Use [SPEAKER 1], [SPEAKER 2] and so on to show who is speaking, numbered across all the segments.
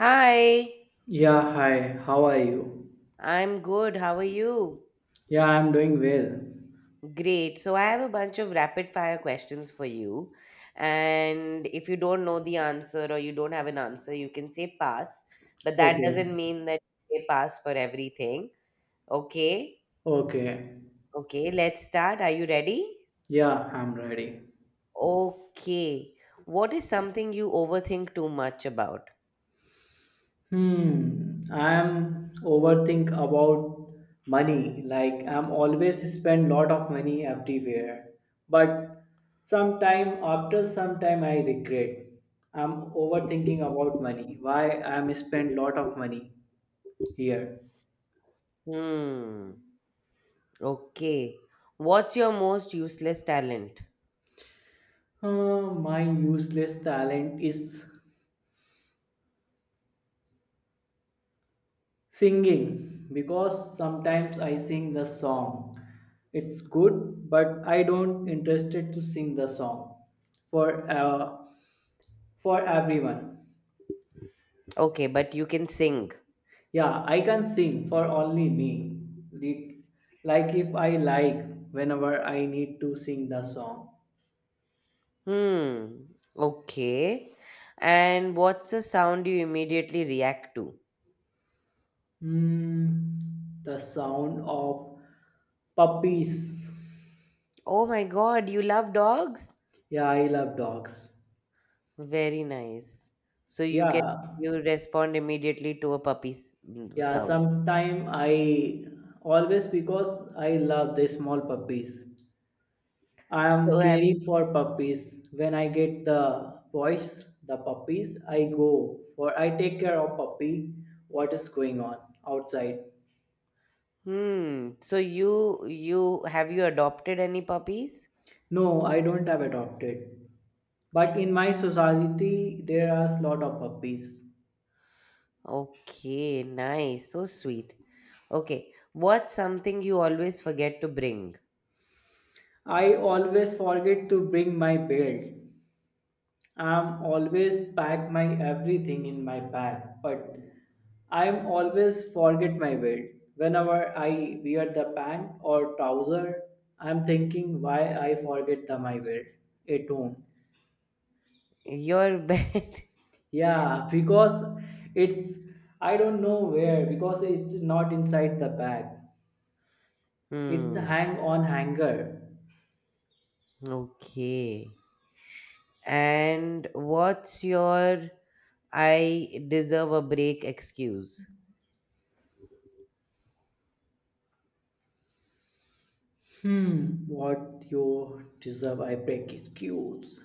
[SPEAKER 1] Hi,
[SPEAKER 2] Yeah, hi. How are you?
[SPEAKER 1] I'm good. How are you?
[SPEAKER 2] Yeah, I'm doing well.
[SPEAKER 1] Great. So, I have a bunch of rapid fire questions for you. And if you don't know the answer or you don't have an answer, you can say pass. But that
[SPEAKER 2] Okay.
[SPEAKER 1] doesn't mean that you say pass for everything. Okay.
[SPEAKER 2] Okay.
[SPEAKER 1] Okay. Let's start. Are you ready?
[SPEAKER 2] Yeah, I'm ready.
[SPEAKER 1] Okay. What is something you overthink too much about?
[SPEAKER 2] Hmm. I'm overthink about money. Like I'm always spend lot of money everywhere. But sometime after some time I regret. I'm overthinking about money. Why I'm spend lot of money here.
[SPEAKER 1] Hmm. Okay. What's your most useless talent?
[SPEAKER 2] My useless talent is singing, because sometimes I sing the song. It's good, but I don't interested to sing the song for uh, for everyone.
[SPEAKER 1] Okay, but you can sing.
[SPEAKER 2] Yeah, I can sing for only me. The, like, if I like, whenever I need to sing the song.
[SPEAKER 1] Hmm. Okay. And what's the sound you immediately react to?
[SPEAKER 2] Hmm, the sound of puppies.
[SPEAKER 1] Oh my God, you love dogs?
[SPEAKER 2] Yeah, I love dogs.
[SPEAKER 1] Very nice. So
[SPEAKER 2] Yeah.
[SPEAKER 1] you respond immediately to a puppy's
[SPEAKER 2] Yeah,
[SPEAKER 1] sound.
[SPEAKER 2] sometime I always because I love the small puppies. I
[SPEAKER 1] So
[SPEAKER 2] am
[SPEAKER 1] have you?
[SPEAKER 2] caring for puppies. When I get the boys, the puppies, I go for I take care of puppy. What is going on outside?
[SPEAKER 1] Hmm. So you have you adopted any puppies?
[SPEAKER 2] No, I don't have adopted. But in my society, there are a lot of puppies.
[SPEAKER 1] Okay. Nice. So sweet. Okay. What's something you always forget to bring?
[SPEAKER 2] I always forget to bring my belt. I'm always pack my everything in my bag, but I'm always forget my belt. Whenever I wear the pant or trouser, I'm thinking why I forget the my belt at home.
[SPEAKER 1] Your bed.
[SPEAKER 2] Yeah, because it's I don't know where because it's not inside the bag. It's
[SPEAKER 1] Hmm.
[SPEAKER 2] hang on hanger.
[SPEAKER 1] Okay. And what's your I deserve a break excuse?
[SPEAKER 2] Hmm, what you deserve? I break excuse.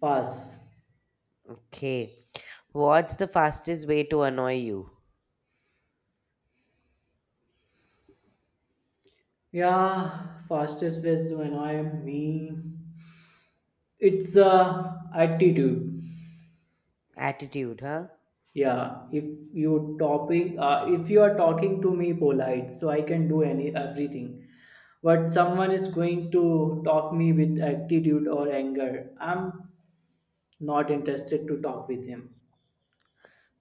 [SPEAKER 2] Pass.
[SPEAKER 1] Okay. What's the fastest way to annoy you?
[SPEAKER 2] Yeah, fastest ways to annoy me. It's attitude.
[SPEAKER 1] Attitude, huh?
[SPEAKER 2] Yeah, if you are talking to me polite, so I can do any everything. But someone is going to talk me with attitude or anger. I'm not interested to talk with him.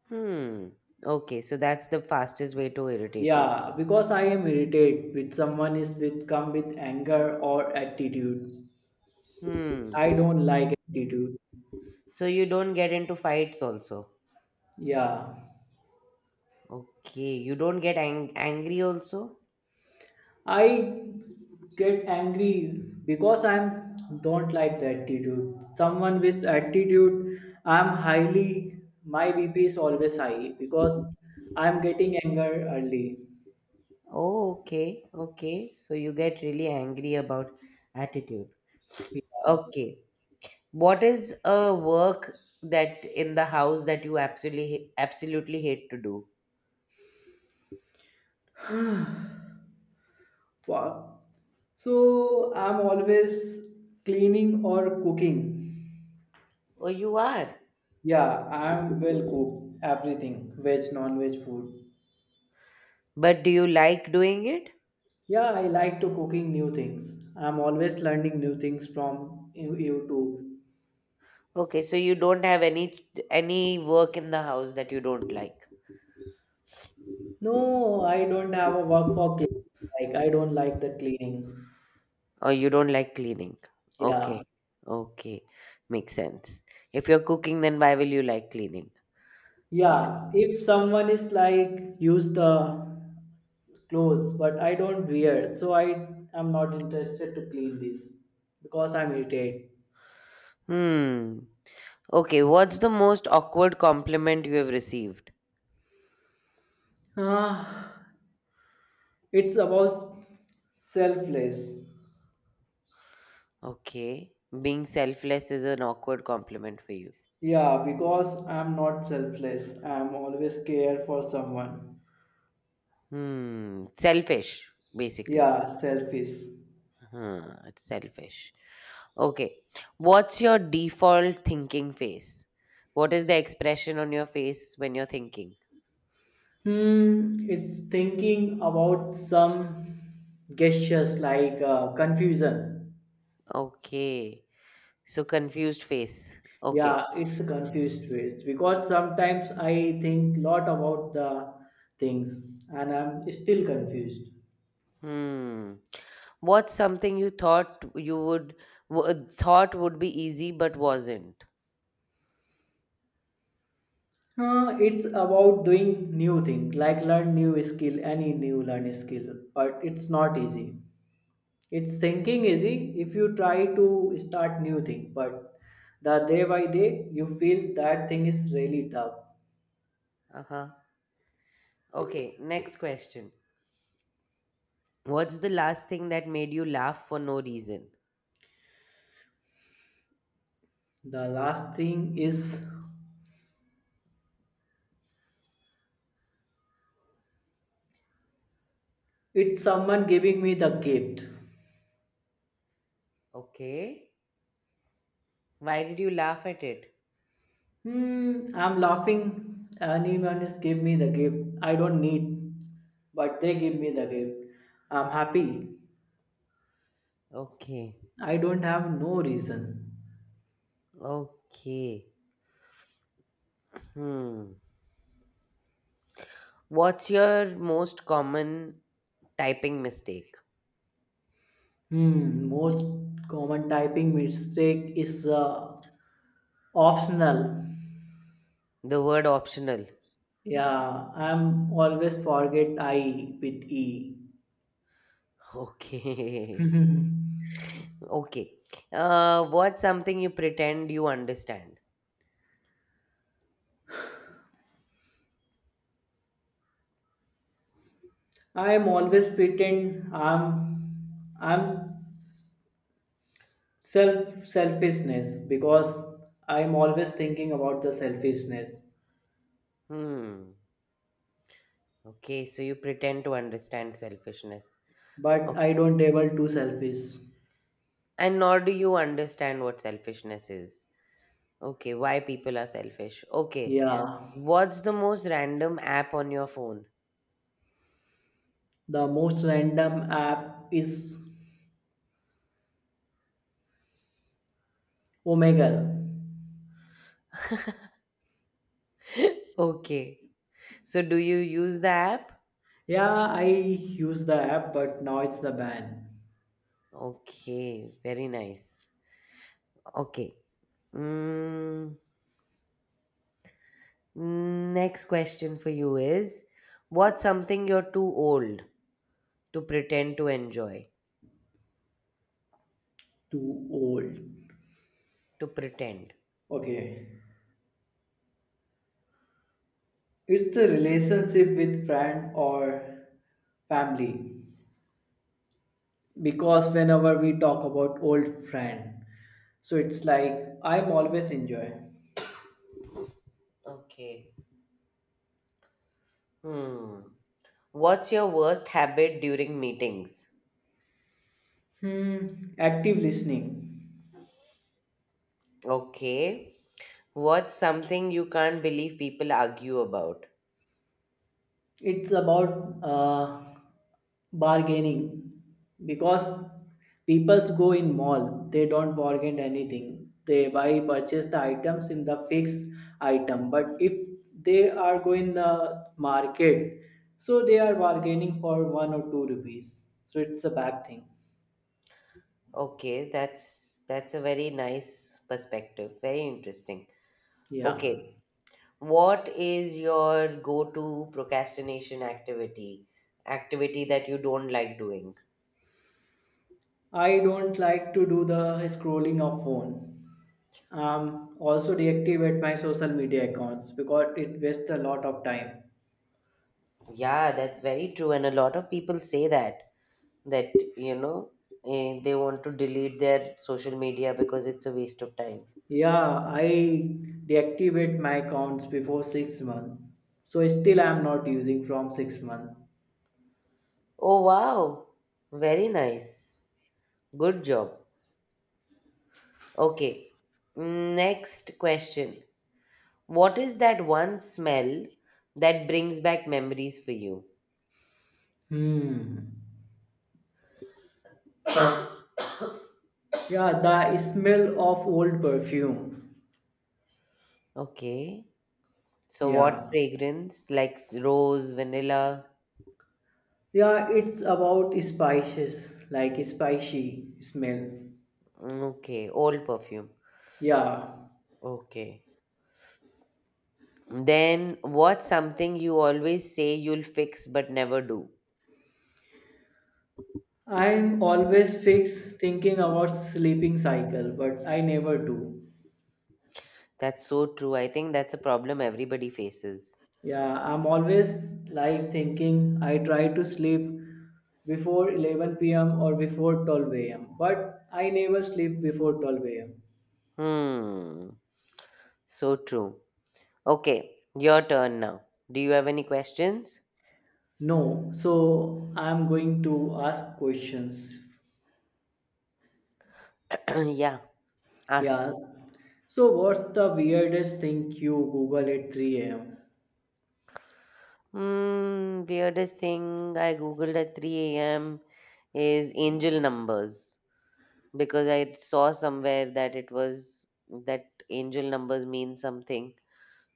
[SPEAKER 1] Hmm. Okay, so that's the fastest way to irritate you.
[SPEAKER 2] Yeah, because I am irritated with someone is with come with anger or attitude.
[SPEAKER 1] Hmm.
[SPEAKER 2] I don't like attitude.
[SPEAKER 1] So you don't get into fights also.
[SPEAKER 2] Yeah.
[SPEAKER 1] Okay, you don't get angry also?
[SPEAKER 2] I get angry because I'm don't like the attitude. Someone with attitude, I'm highly my BP is always high because I'm getting anger early.
[SPEAKER 1] Oh, okay, okay. So you get really angry about attitude. Okay. What is a work that in the house that you absolutely hate to do?
[SPEAKER 2] Yeah. Wow. So I'm always cleaning or cooking.
[SPEAKER 1] Oh, you are?
[SPEAKER 2] Yeah, I'm well cooked everything, veg, non-veg food.
[SPEAKER 1] But do you like doing it?
[SPEAKER 2] Yeah, I like to cooking new things. I'm always learning new things from YouTube.
[SPEAKER 1] Okay, so you don't have any work in the house that you don't like,
[SPEAKER 2] No, I don't have a work for cleaning. Like I don't like the cleaning.
[SPEAKER 1] or you don't like cleaning.
[SPEAKER 2] Yeah.
[SPEAKER 1] Okay, okay, makes sense. If you're cooking, then why will you like cleaning? Yeah.
[SPEAKER 2] Yeah. If someone is like use the clothes, but I don't wear, so I am not interested to clean this because I'm irritated.
[SPEAKER 1] Hmm. Okay, what's the most awkward compliment you have received?
[SPEAKER 2] Ah, it's about selfless.
[SPEAKER 1] Okay, being selfless is an awkward compliment for you.
[SPEAKER 2] Yeah, because I'm not selfless. I'm always care for someone.
[SPEAKER 1] Hmm. Selfish, basically.
[SPEAKER 2] Yeah, selfish.
[SPEAKER 1] Huh, it's selfish. Okay. What's your default thinking face? What is the expression on your face when you're thinking?
[SPEAKER 2] It's thinking about some gestures like confusion.
[SPEAKER 1] Okay. So confused face. Okay.
[SPEAKER 2] Yeah, it's a confused ways because sometimes I think lot about the things and I'm still confused.
[SPEAKER 1] Hmm. What's something you thought you would thought would be easy but wasn't?
[SPEAKER 2] It's about doing new things like learn new skill, any new learn skill, but it's not easy. It's thinking easy if you try to start new thing, but the day by day you feel that thing is really tough.
[SPEAKER 1] Uh-huh. Okay, next question. What's the last thing that made you laugh for no reason?
[SPEAKER 2] The last thing is it's someone giving me the gift.
[SPEAKER 1] Okay. Why did you laugh at it?
[SPEAKER 2] I'm laughing. Anyone is give me the gift. I don't need, but they give me the gift. I'm happy.
[SPEAKER 1] Okay.
[SPEAKER 2] I don't have no reason.
[SPEAKER 1] Okay. Hmm. What's your most common typing mistake?
[SPEAKER 2] Most common typing mistake is optional.
[SPEAKER 1] The word optional.
[SPEAKER 2] Yeah, I'm always forget I with E.
[SPEAKER 1] Okay. Okay. What's something you pretend you understand?
[SPEAKER 2] I'm always pretend I'm selfishness because I'm always thinking about the selfishness
[SPEAKER 1] Hmm. Okay. So you pretend to understand selfishness.
[SPEAKER 2] but I
[SPEAKER 1] Okay.
[SPEAKER 2] don't able to selfish.
[SPEAKER 1] And nor do you understand what selfishness is. Okay. Why people are selfish. Okay.
[SPEAKER 2] Yeah,
[SPEAKER 1] What's the most random app on your phone?
[SPEAKER 2] the most random app is Omegle.
[SPEAKER 1] Okay. So do you use the app?
[SPEAKER 2] Yeah, I use the app, but now it's the ban.
[SPEAKER 1] Okay, very nice. Okay. Mm, next question for you is what's something you're too old to pretend to enjoy?
[SPEAKER 2] Too old.
[SPEAKER 1] To pretend.
[SPEAKER 2] Okay, it's the relationship with friend or family because whenever we talk about old friend, so it's like I'm always enjoy.
[SPEAKER 1] Okay. Hmm. What's your worst habit during meetings?
[SPEAKER 2] Hmm, active listening.
[SPEAKER 1] Okay. What's something you can't believe people argue about?
[SPEAKER 2] It's about bargaining because peoples go in mall. They don't bargain anything. They buy purchase the items in the fixed item. But if they are going the market, so they are bargaining for 1 or 2 rupees. So it's a bad thing.
[SPEAKER 1] Okay, that's a very nice perspective. Very interesting.
[SPEAKER 2] Yeah,
[SPEAKER 1] Okay. What is your go-to procrastination activity? Activity that you don't like doing?
[SPEAKER 2] I don't like to do the scrolling of phone, also deactivate my social media accounts because it wastes a lot of time.
[SPEAKER 1] Yeah, that's very true. And a lot of people say that they want to delete their social media because it's a waste of time.
[SPEAKER 2] Yeah, I deactivate my accounts before 6 months, so still I'm not using from 6 months.
[SPEAKER 1] Oh, wow. Very nice. Good job. Okay. Next question. What is that one smell that brings back memories for you?
[SPEAKER 2] Hmm. Yeah, the smell of old perfume.
[SPEAKER 1] Okay. So what
[SPEAKER 2] Yeah.
[SPEAKER 1] fragrance? Like rose, vanilla?
[SPEAKER 2] Yeah, it's about spices, like spicy smell.
[SPEAKER 1] Mm, okay, old perfume.
[SPEAKER 2] Yeah,
[SPEAKER 1] Okay. Then what's something you always say you'll fix but never do?
[SPEAKER 2] I'm always fixed thinking about sleeping cycle, but I never do.
[SPEAKER 1] That's so true. I think that's a problem everybody faces.
[SPEAKER 2] Yeah, I'm always like thinking I try to sleep before 11 p.m. or before 12 a.m., but I never sleep before 12 am.
[SPEAKER 1] Hmm. So true. Okay, your turn now. Do you have any questions?
[SPEAKER 2] No, so I'm going to ask questions.
[SPEAKER 1] Yeah, ask.
[SPEAKER 2] Yeah. So what's the weirdest thing you Google at 3 a.m.?
[SPEAKER 1] Weirdest thing I googled at 3 a.m. is angel numbers. Because I saw somewhere that it was that angel numbers mean something.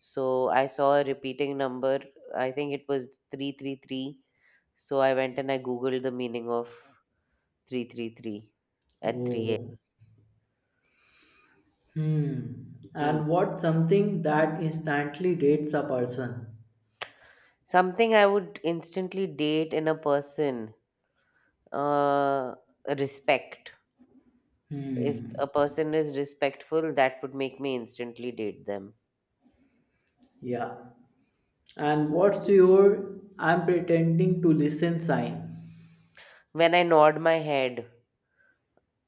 [SPEAKER 1] So I saw a repeating number. I think it was 333. So I went and I googled the meaning of 333 at 3 a.m.
[SPEAKER 2] Oh. Hmm.
[SPEAKER 1] Hmm.
[SPEAKER 2] And what's something that instantly dates a person?
[SPEAKER 1] Something I would instantly date in a person uh, respect. If
[SPEAKER 2] Hmm.
[SPEAKER 1] a person is respectful, that would make me instantly date them.
[SPEAKER 2] Yeah. And what's your I'm pretending to listen sign?
[SPEAKER 1] When I nod my head,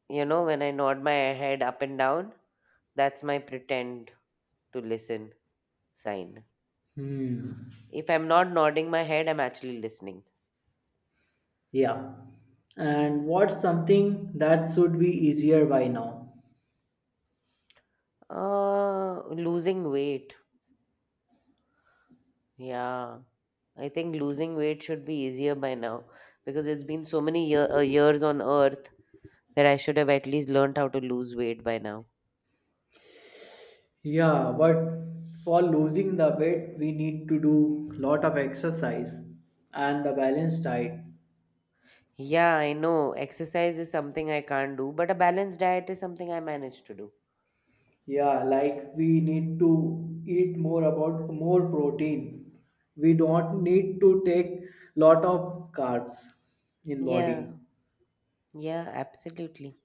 [SPEAKER 1] you know, when I nod my head up and down, that's my pretend to listen sign.
[SPEAKER 2] Hmm.
[SPEAKER 1] If I'm not nodding my head, I'm actually listening.
[SPEAKER 2] Yeah. And what's something that should be easier by now?
[SPEAKER 1] Losing weight. Yeah. I think losing weight should be easier by now because it's been so many years on earth that I should have at least learned how to lose weight by now.
[SPEAKER 2] Yeah, but for losing the weight we need to do lot of exercise and the balanced diet.
[SPEAKER 1] Yeah, I know. Exercise is something I can't do, but a balanced diet is something I manage to do.
[SPEAKER 2] Yeah, like we need to eat more about more protein. We don't need to take lot of carbs in body.
[SPEAKER 1] Yeah. Yeah, absolutely.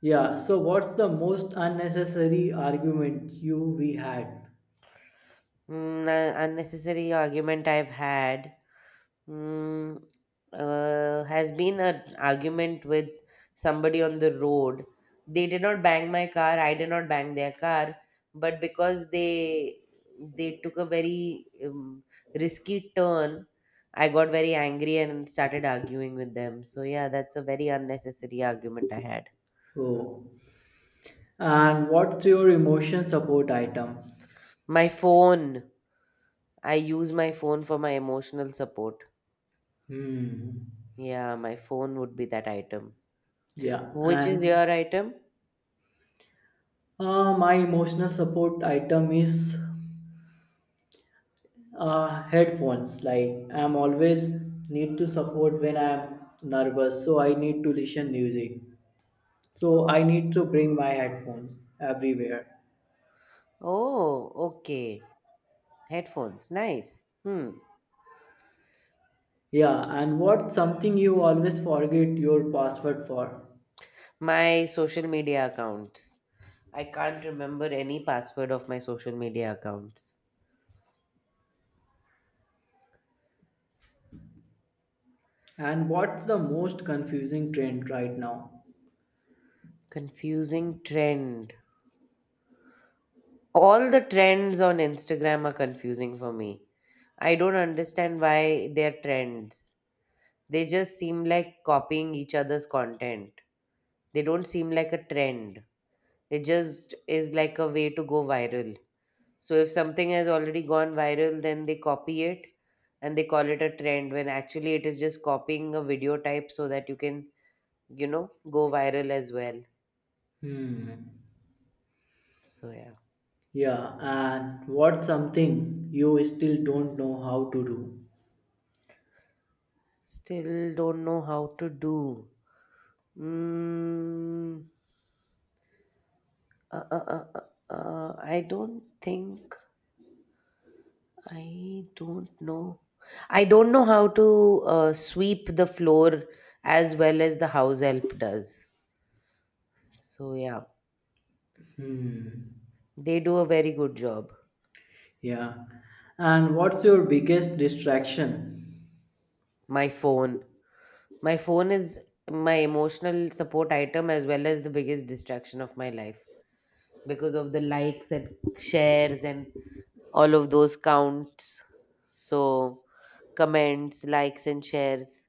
[SPEAKER 2] Yeah,
[SPEAKER 1] Hmm.
[SPEAKER 2] so what's the most unnecessary argument you we had?
[SPEAKER 1] Unnecessary argument I've had mm, has been an argument with somebody on the road. They did not bang my car. I did not bang their car, but because they took a very risky turn, I got very angry and started arguing with them. So yeah, that's a very unnecessary argument I had.
[SPEAKER 2] Oh, and what's your emotion support item?
[SPEAKER 1] My phone. I use my phone for my emotional support.
[SPEAKER 2] Hmm.
[SPEAKER 1] Yeah, my phone would be that item.
[SPEAKER 2] Yeah,
[SPEAKER 1] Which is
[SPEAKER 2] and
[SPEAKER 1] your item?
[SPEAKER 2] my emotional support item is headphones. Like I'm always need to support when I'm nervous, so I need to listen music. So I need to bring my headphones everywhere.
[SPEAKER 1] Oh, okay. Headphones. Nice. Hmm.
[SPEAKER 2] Yeah, and what's something you always forget your password for?
[SPEAKER 1] My social media accounts. I can't remember any password of my social media accounts.
[SPEAKER 2] And what's the most confusing trend right now?
[SPEAKER 1] Confusing trend. All the trends on Instagram are confusing for me. I don't understand why they're trends. They just seem like copying each other's content. They don't seem like a trend. It just is like a way to go viral. So if something has already gone viral, then they copy it and they call it a trend when actually it is just copying a video type so that you can, you know, go viral as well.
[SPEAKER 2] Hmm.
[SPEAKER 1] So yeah.
[SPEAKER 2] Yeah, and what's something you still don't know how to do?
[SPEAKER 1] Still don't know how to do. Mm, uh, uh, uh, uh, uh, I don't think I don't know. I don't know how to sweep the floor as well as the house help does. So yeah,
[SPEAKER 2] Hmm.
[SPEAKER 1] they do a very good job.
[SPEAKER 2] Yeah. And what's your biggest distraction?
[SPEAKER 1] My phone. My phone is my emotional support item as well as the biggest distraction of my life because of the likes and shares and all of those counts. So, comments, likes and shares.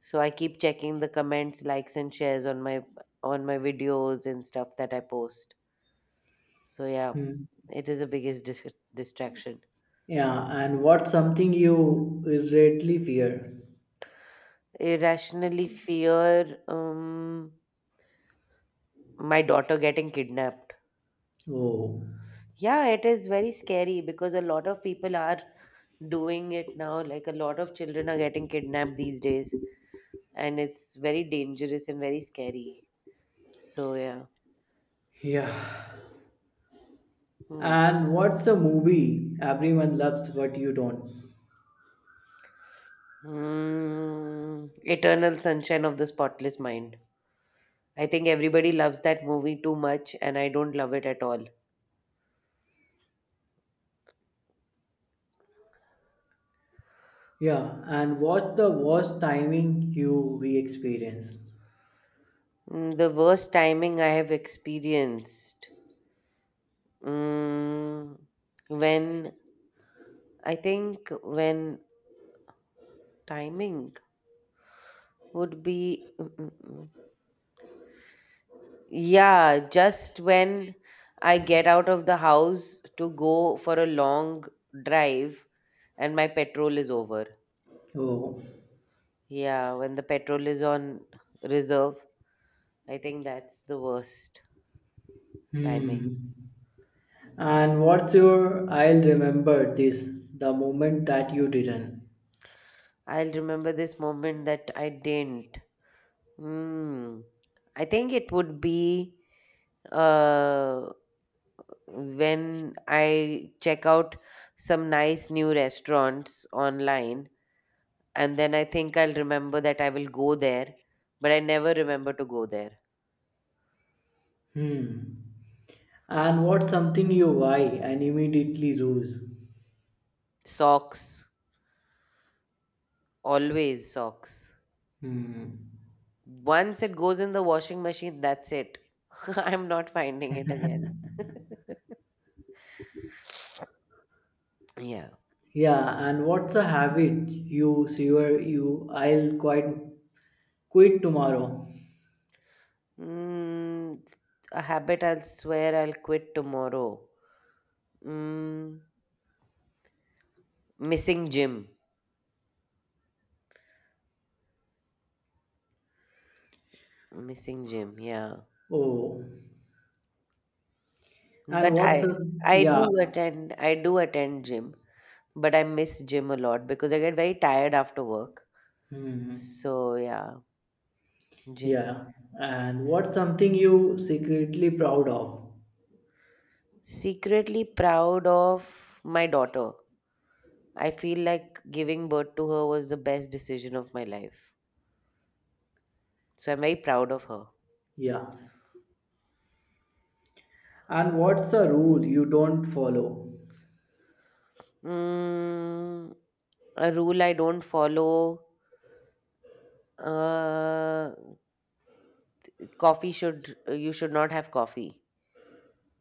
[SPEAKER 1] So I keep checking the comments, likes and shares on my videos and stuff that I post. So yeah,
[SPEAKER 2] Hmm.
[SPEAKER 1] it is the biggest distraction.
[SPEAKER 2] Yeah, and what's something you greatly fear?
[SPEAKER 1] Irrationally fear my daughter getting kidnapped.
[SPEAKER 2] Oh.
[SPEAKER 1] Yeah, it is very scary because a lot of people are doing it now. Like a lot of children are getting kidnapped these days, and it's very dangerous and very scary. So, yeah.
[SPEAKER 2] Yeah.
[SPEAKER 1] Hmm.
[SPEAKER 2] And what's a movie everyone loves but you don't?
[SPEAKER 1] Hmm. Eternal Sunshine of the Spotless Mind. I think everybody loves that movie too much, and I don't love it at all.
[SPEAKER 2] Yeah, and what's the worst timing you we experienced?
[SPEAKER 1] The worst timing I have experienced. Mm, when I think when timing would be. Mm. Yeah, just when I get out of the house to go for a long drive and my petrol is over.
[SPEAKER 2] Oh.
[SPEAKER 1] Yeah, when the petrol is on reserve, I think that's the worst timing.
[SPEAKER 2] Hmm. And what's your I'll remember this the moment that you didn't?
[SPEAKER 1] I'll remember this moment that I didn't. Hmm. I think it would be uh when I check out some nice new restaurants online. And then I think I'll remember that I will go there, but I never remember to go there.
[SPEAKER 2] Hmm. And what's something you buy and immediately lose?
[SPEAKER 1] Socks, always socks.
[SPEAKER 2] Hmm.
[SPEAKER 1] Once it goes in the washing machine, that's it. I'm not finding it again. Yeah.
[SPEAKER 2] Yeah, and what's a habit you swear you I'll quit tomorrow?
[SPEAKER 1] Mm, a habit I'll swear I'll quit tomorrow. Mm, missing gym. Missing gym, yeah.
[SPEAKER 2] Oh. And
[SPEAKER 1] But
[SPEAKER 2] what's a
[SPEAKER 1] I I
[SPEAKER 2] yeah.
[SPEAKER 1] do attend I do attend gym, but I miss gym a lot because I get very tired after work.
[SPEAKER 2] Hmm.
[SPEAKER 1] So yeah, gym.
[SPEAKER 2] Yeah. And what's something you secretly proud of?
[SPEAKER 1] Secretly proud of my daughter. I feel like giving birth to her was the best decision of my life. So I'm very proud of her.
[SPEAKER 2] Yeah. And what's a rule you don't follow?
[SPEAKER 1] Mm, a rule I don't follow. Uh, coffee should You should not have coffee.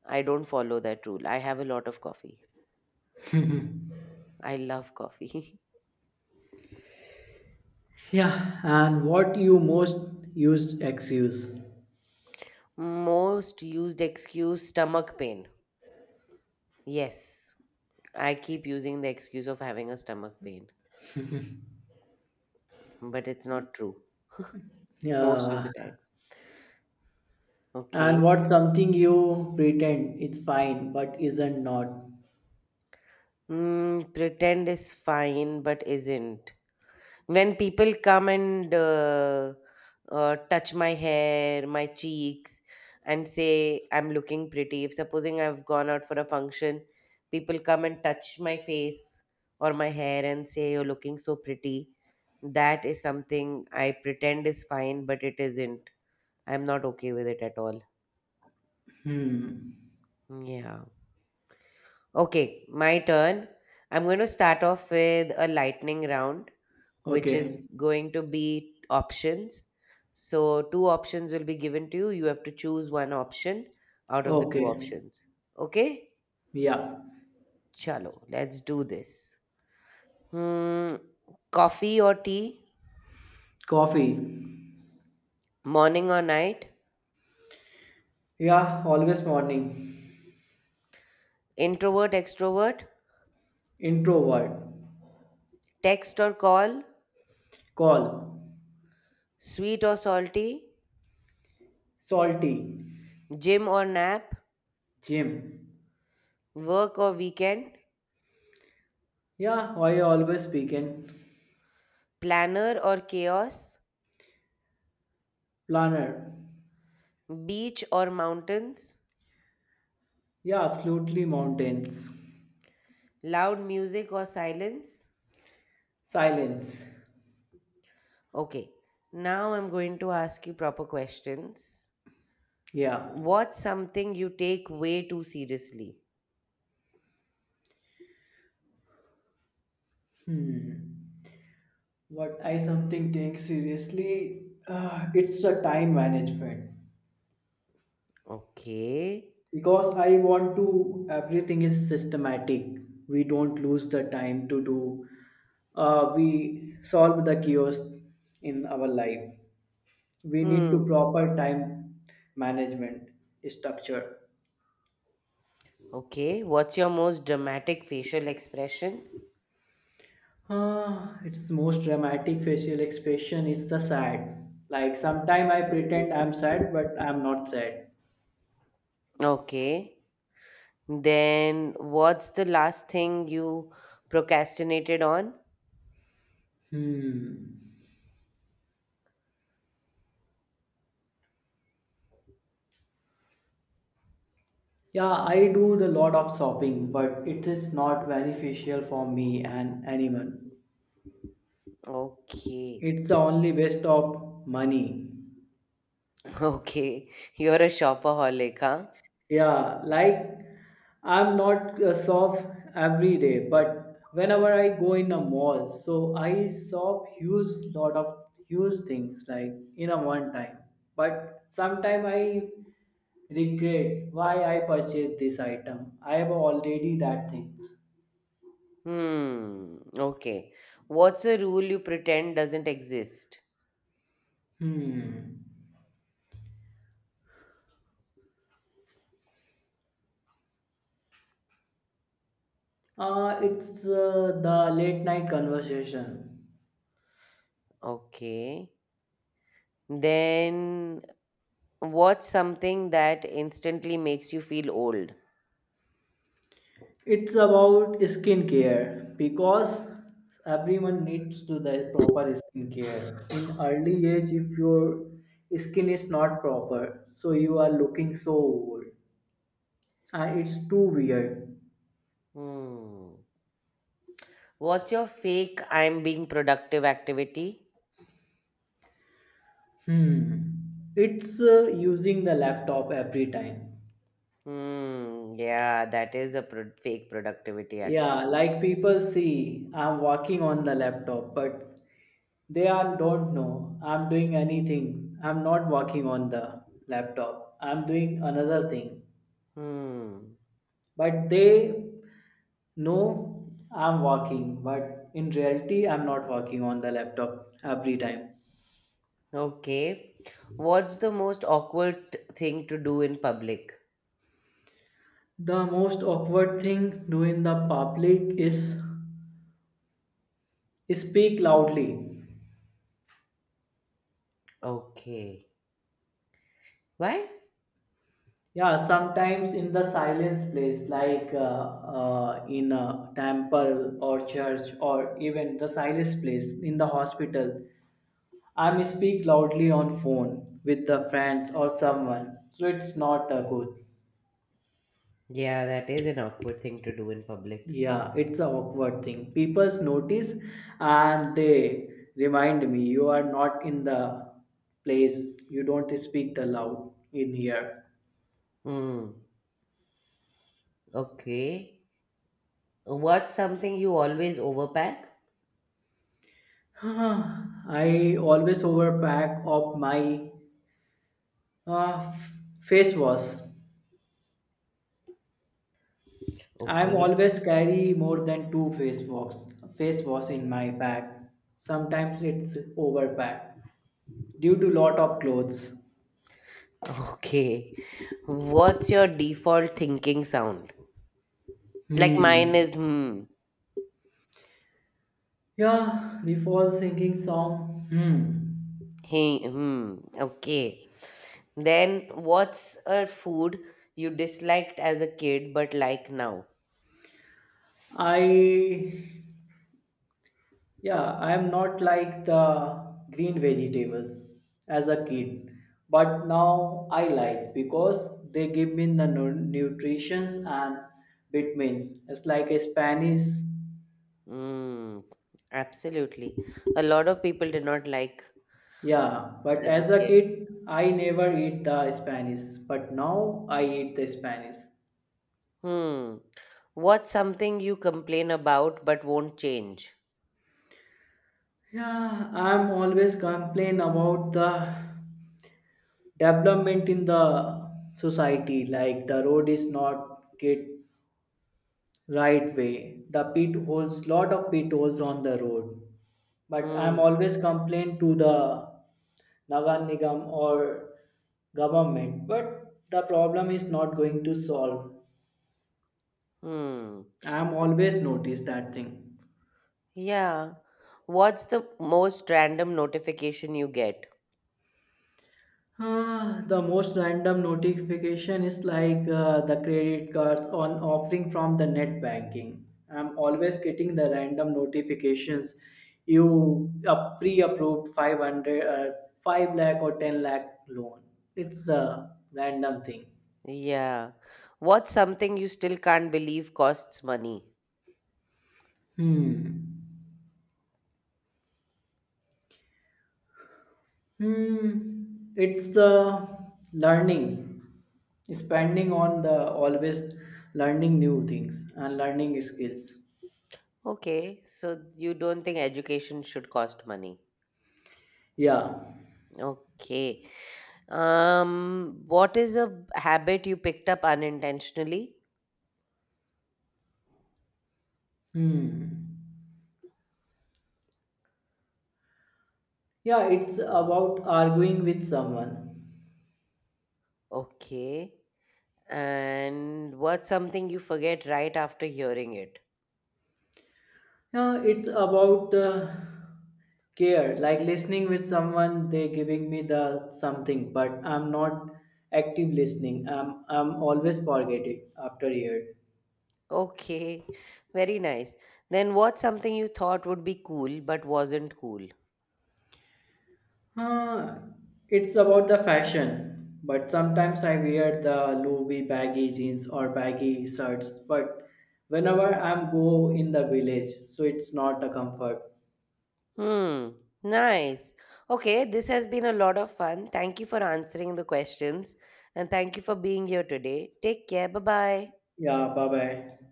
[SPEAKER 1] I don't follow that rule. I have a lot of coffee. I love coffee.
[SPEAKER 2] Yeah, and what you most used excuse?
[SPEAKER 1] Most used excuse stomach pain. Yes, I keep using the excuse of having a stomach pain, but it's not true most of the
[SPEAKER 2] Yeah,
[SPEAKER 1] time.
[SPEAKER 2] and
[SPEAKER 1] Okay.
[SPEAKER 2] what something you pretend it's fine but isn't not?
[SPEAKER 1] Pretend is fine, but isn't. When people come and touch my hair, my cheeks, and say I'm looking pretty, if supposing I've gone out for a function, people come and touch my face or my hair and say you're looking so pretty, that is something I pretend is fine, but it isn't. I'm not okay with it at all.
[SPEAKER 2] Hmm.
[SPEAKER 1] Yeah. Okay, my turn. I'm going to start off with a lightning round, which is
[SPEAKER 2] Okay.
[SPEAKER 1] going to be options. So, two options will be given to you. You have to choose one option out of the two
[SPEAKER 2] Okay.
[SPEAKER 1] options. Okay?
[SPEAKER 2] Yeah.
[SPEAKER 1] Chalo, let's do this. Hmm, coffee or tea?
[SPEAKER 2] Coffee.
[SPEAKER 1] Morning or night?
[SPEAKER 2] Yeah, always morning.
[SPEAKER 1] Introvert, extrovert?
[SPEAKER 2] Introvert.
[SPEAKER 1] Text or call?
[SPEAKER 2] Call.
[SPEAKER 1] Sweet or salty?
[SPEAKER 2] Salty.
[SPEAKER 1] Gym or nap?
[SPEAKER 2] Gym.
[SPEAKER 1] Work or weekend?
[SPEAKER 2] Yeah, why always speaking?
[SPEAKER 1] Planner or chaos?
[SPEAKER 2] Planner.
[SPEAKER 1] Beach or mountains?
[SPEAKER 2] Yeah, absolutely mountains.
[SPEAKER 1] Loud music or silence?
[SPEAKER 2] Silence.
[SPEAKER 1] Okay, now I'm going to ask you proper questions.
[SPEAKER 2] Yeah.
[SPEAKER 1] What's something you take way too seriously?
[SPEAKER 2] Hmm. What I something take seriously, it's the time management
[SPEAKER 1] Okay.
[SPEAKER 2] because I want to everything is systematic. We don't lose the time to do. We solve the chaos in our life. We need to
[SPEAKER 1] Hmm.
[SPEAKER 2] proper time management structure.
[SPEAKER 1] Okay. What's your most dramatic facial expression?
[SPEAKER 2] Its most dramatic facial expression is the sad. Like sometime I pretend I'm sad, but I'm not sad.
[SPEAKER 1] Okay. Then what's the last thing you procrastinated on?
[SPEAKER 2] Hmm. Yeah, I do the lot of shopping, but it is not beneficial for me and anyone.
[SPEAKER 1] Okay.
[SPEAKER 2] It's the only waste of money.
[SPEAKER 1] Okay. You're a shopaholic, huh?
[SPEAKER 2] Yeah, like I'm not a shop every day, but whenever I go in a mall, so I shop huge lot of huge things like in a one time. But sometime I regret why I purchased this item. I have already that things.
[SPEAKER 1] Hmm. Okay. What's a rule you pretend doesn't exist?
[SPEAKER 2] Hmm. It's the late night conversation.
[SPEAKER 1] Okay. Then what's something that instantly makes you feel old?
[SPEAKER 2] It's about skincare because everyone needs to the proper skincare. In early age, if your skin is not proper, so you are looking so old and it's too weird.
[SPEAKER 1] Hmm. What's your fake I'm being productive activity?
[SPEAKER 2] Hmm. It's using the laptop every time.
[SPEAKER 1] Hmm. Yeah, that is a fake productivity
[SPEAKER 2] Yeah,
[SPEAKER 1] activity.
[SPEAKER 2] like people see I'm working on the laptop, but don't know I'm doing anything. I'm not working on the laptop. I'm doing another thing.
[SPEAKER 1] Hmm.
[SPEAKER 2] But they know I'm working, but in reality, I'm not working on the laptop every time.
[SPEAKER 1] Okay. What's the most awkward thing to do in public?
[SPEAKER 2] The most awkward thing do in the public is speak loudly.
[SPEAKER 1] Okay. Why?
[SPEAKER 2] Yeah, sometimes in the silence place, like in a temple or church, or even the silence place in the hospital, I may speak loudly on phone with the friends or someone. So it's not a good.
[SPEAKER 1] Yeah, that is an awkward thing to do in public.
[SPEAKER 2] Yeah, it's a awkward thing. People notice and they remind me you are not in the place. You don't speak the loud in here.
[SPEAKER 1] Hmm. Okay. What's something you always overpack?
[SPEAKER 2] I always overpack of my Uh, face wash. I'm
[SPEAKER 1] Okay.
[SPEAKER 2] always carry more than two face wash in my bag. Sometimes it's overpacked due to lot of clothes.
[SPEAKER 1] Okay. What's your default thinking sound? Like
[SPEAKER 2] Hmm.
[SPEAKER 1] mine is hmm,
[SPEAKER 2] Yeah, the false singing song. Hmm.
[SPEAKER 1] hey, hmm, okay. Then what's a food you disliked as a kid but like now?
[SPEAKER 2] I Yeah, I am not like the green vegetables as a kid, but now I like because they give me the nutritions and vitamins. It's like a Spanish.
[SPEAKER 1] Hmm, absolutely. A lot of people did not like
[SPEAKER 2] Yeah, but
[SPEAKER 1] as a
[SPEAKER 2] as a
[SPEAKER 1] kid.
[SPEAKER 2] kid, I never eat the Spanish, but now I eat the Spanish.
[SPEAKER 1] Hmm. What's something you complain about but won't change?
[SPEAKER 2] Yeah, I'm always complain about the development in the society, like the road is not get right way. The pit holes, lot of pit holes on the road. But I'm
[SPEAKER 1] Hmm,
[SPEAKER 2] always complain to the Nagar Nigam or government. But the problem is not going to solve.
[SPEAKER 1] hmm.
[SPEAKER 2] I'm always notice that thing.
[SPEAKER 1] Yeah. What's the most random notification you get?
[SPEAKER 2] The most random notification is like the credit cards on offering from the net banking. I'm always getting the random notifications. You pre-approved 500, 5 lakh or 10 lakh loan. It's the random thing.
[SPEAKER 1] Yeah. What's something you still can't believe costs money?
[SPEAKER 2] Hmm. Hmm. It's learning, spending on the always learning new things and learning skills.
[SPEAKER 1] Okay, so you don't think education should cost money.
[SPEAKER 2] Yeah.
[SPEAKER 1] Okay. What is a habit you picked up unintentionally?
[SPEAKER 2] Hmm. Yeah, it's about arguing with someone.
[SPEAKER 1] Okay. And what's something you forget right after hearing it?
[SPEAKER 2] Yeah, it's about care, like listening with someone. They giving me the something, but I'm not active listening. I'm always forget it after year.
[SPEAKER 1] Okay. Very nice. Then what's something you thought would be cool but wasn't cool?
[SPEAKER 2] Huh, it's about the fashion, but sometimes I wear the Louis baggy jeans or baggy shirts. But whenever I'm go in the village, so it's not a comfort.
[SPEAKER 1] Hmm, nice. Okay, this has been a lot of fun. Thank you for answering the questions and thank you for being here today. Take care. Bye bye.
[SPEAKER 2] Yeah, bye bye.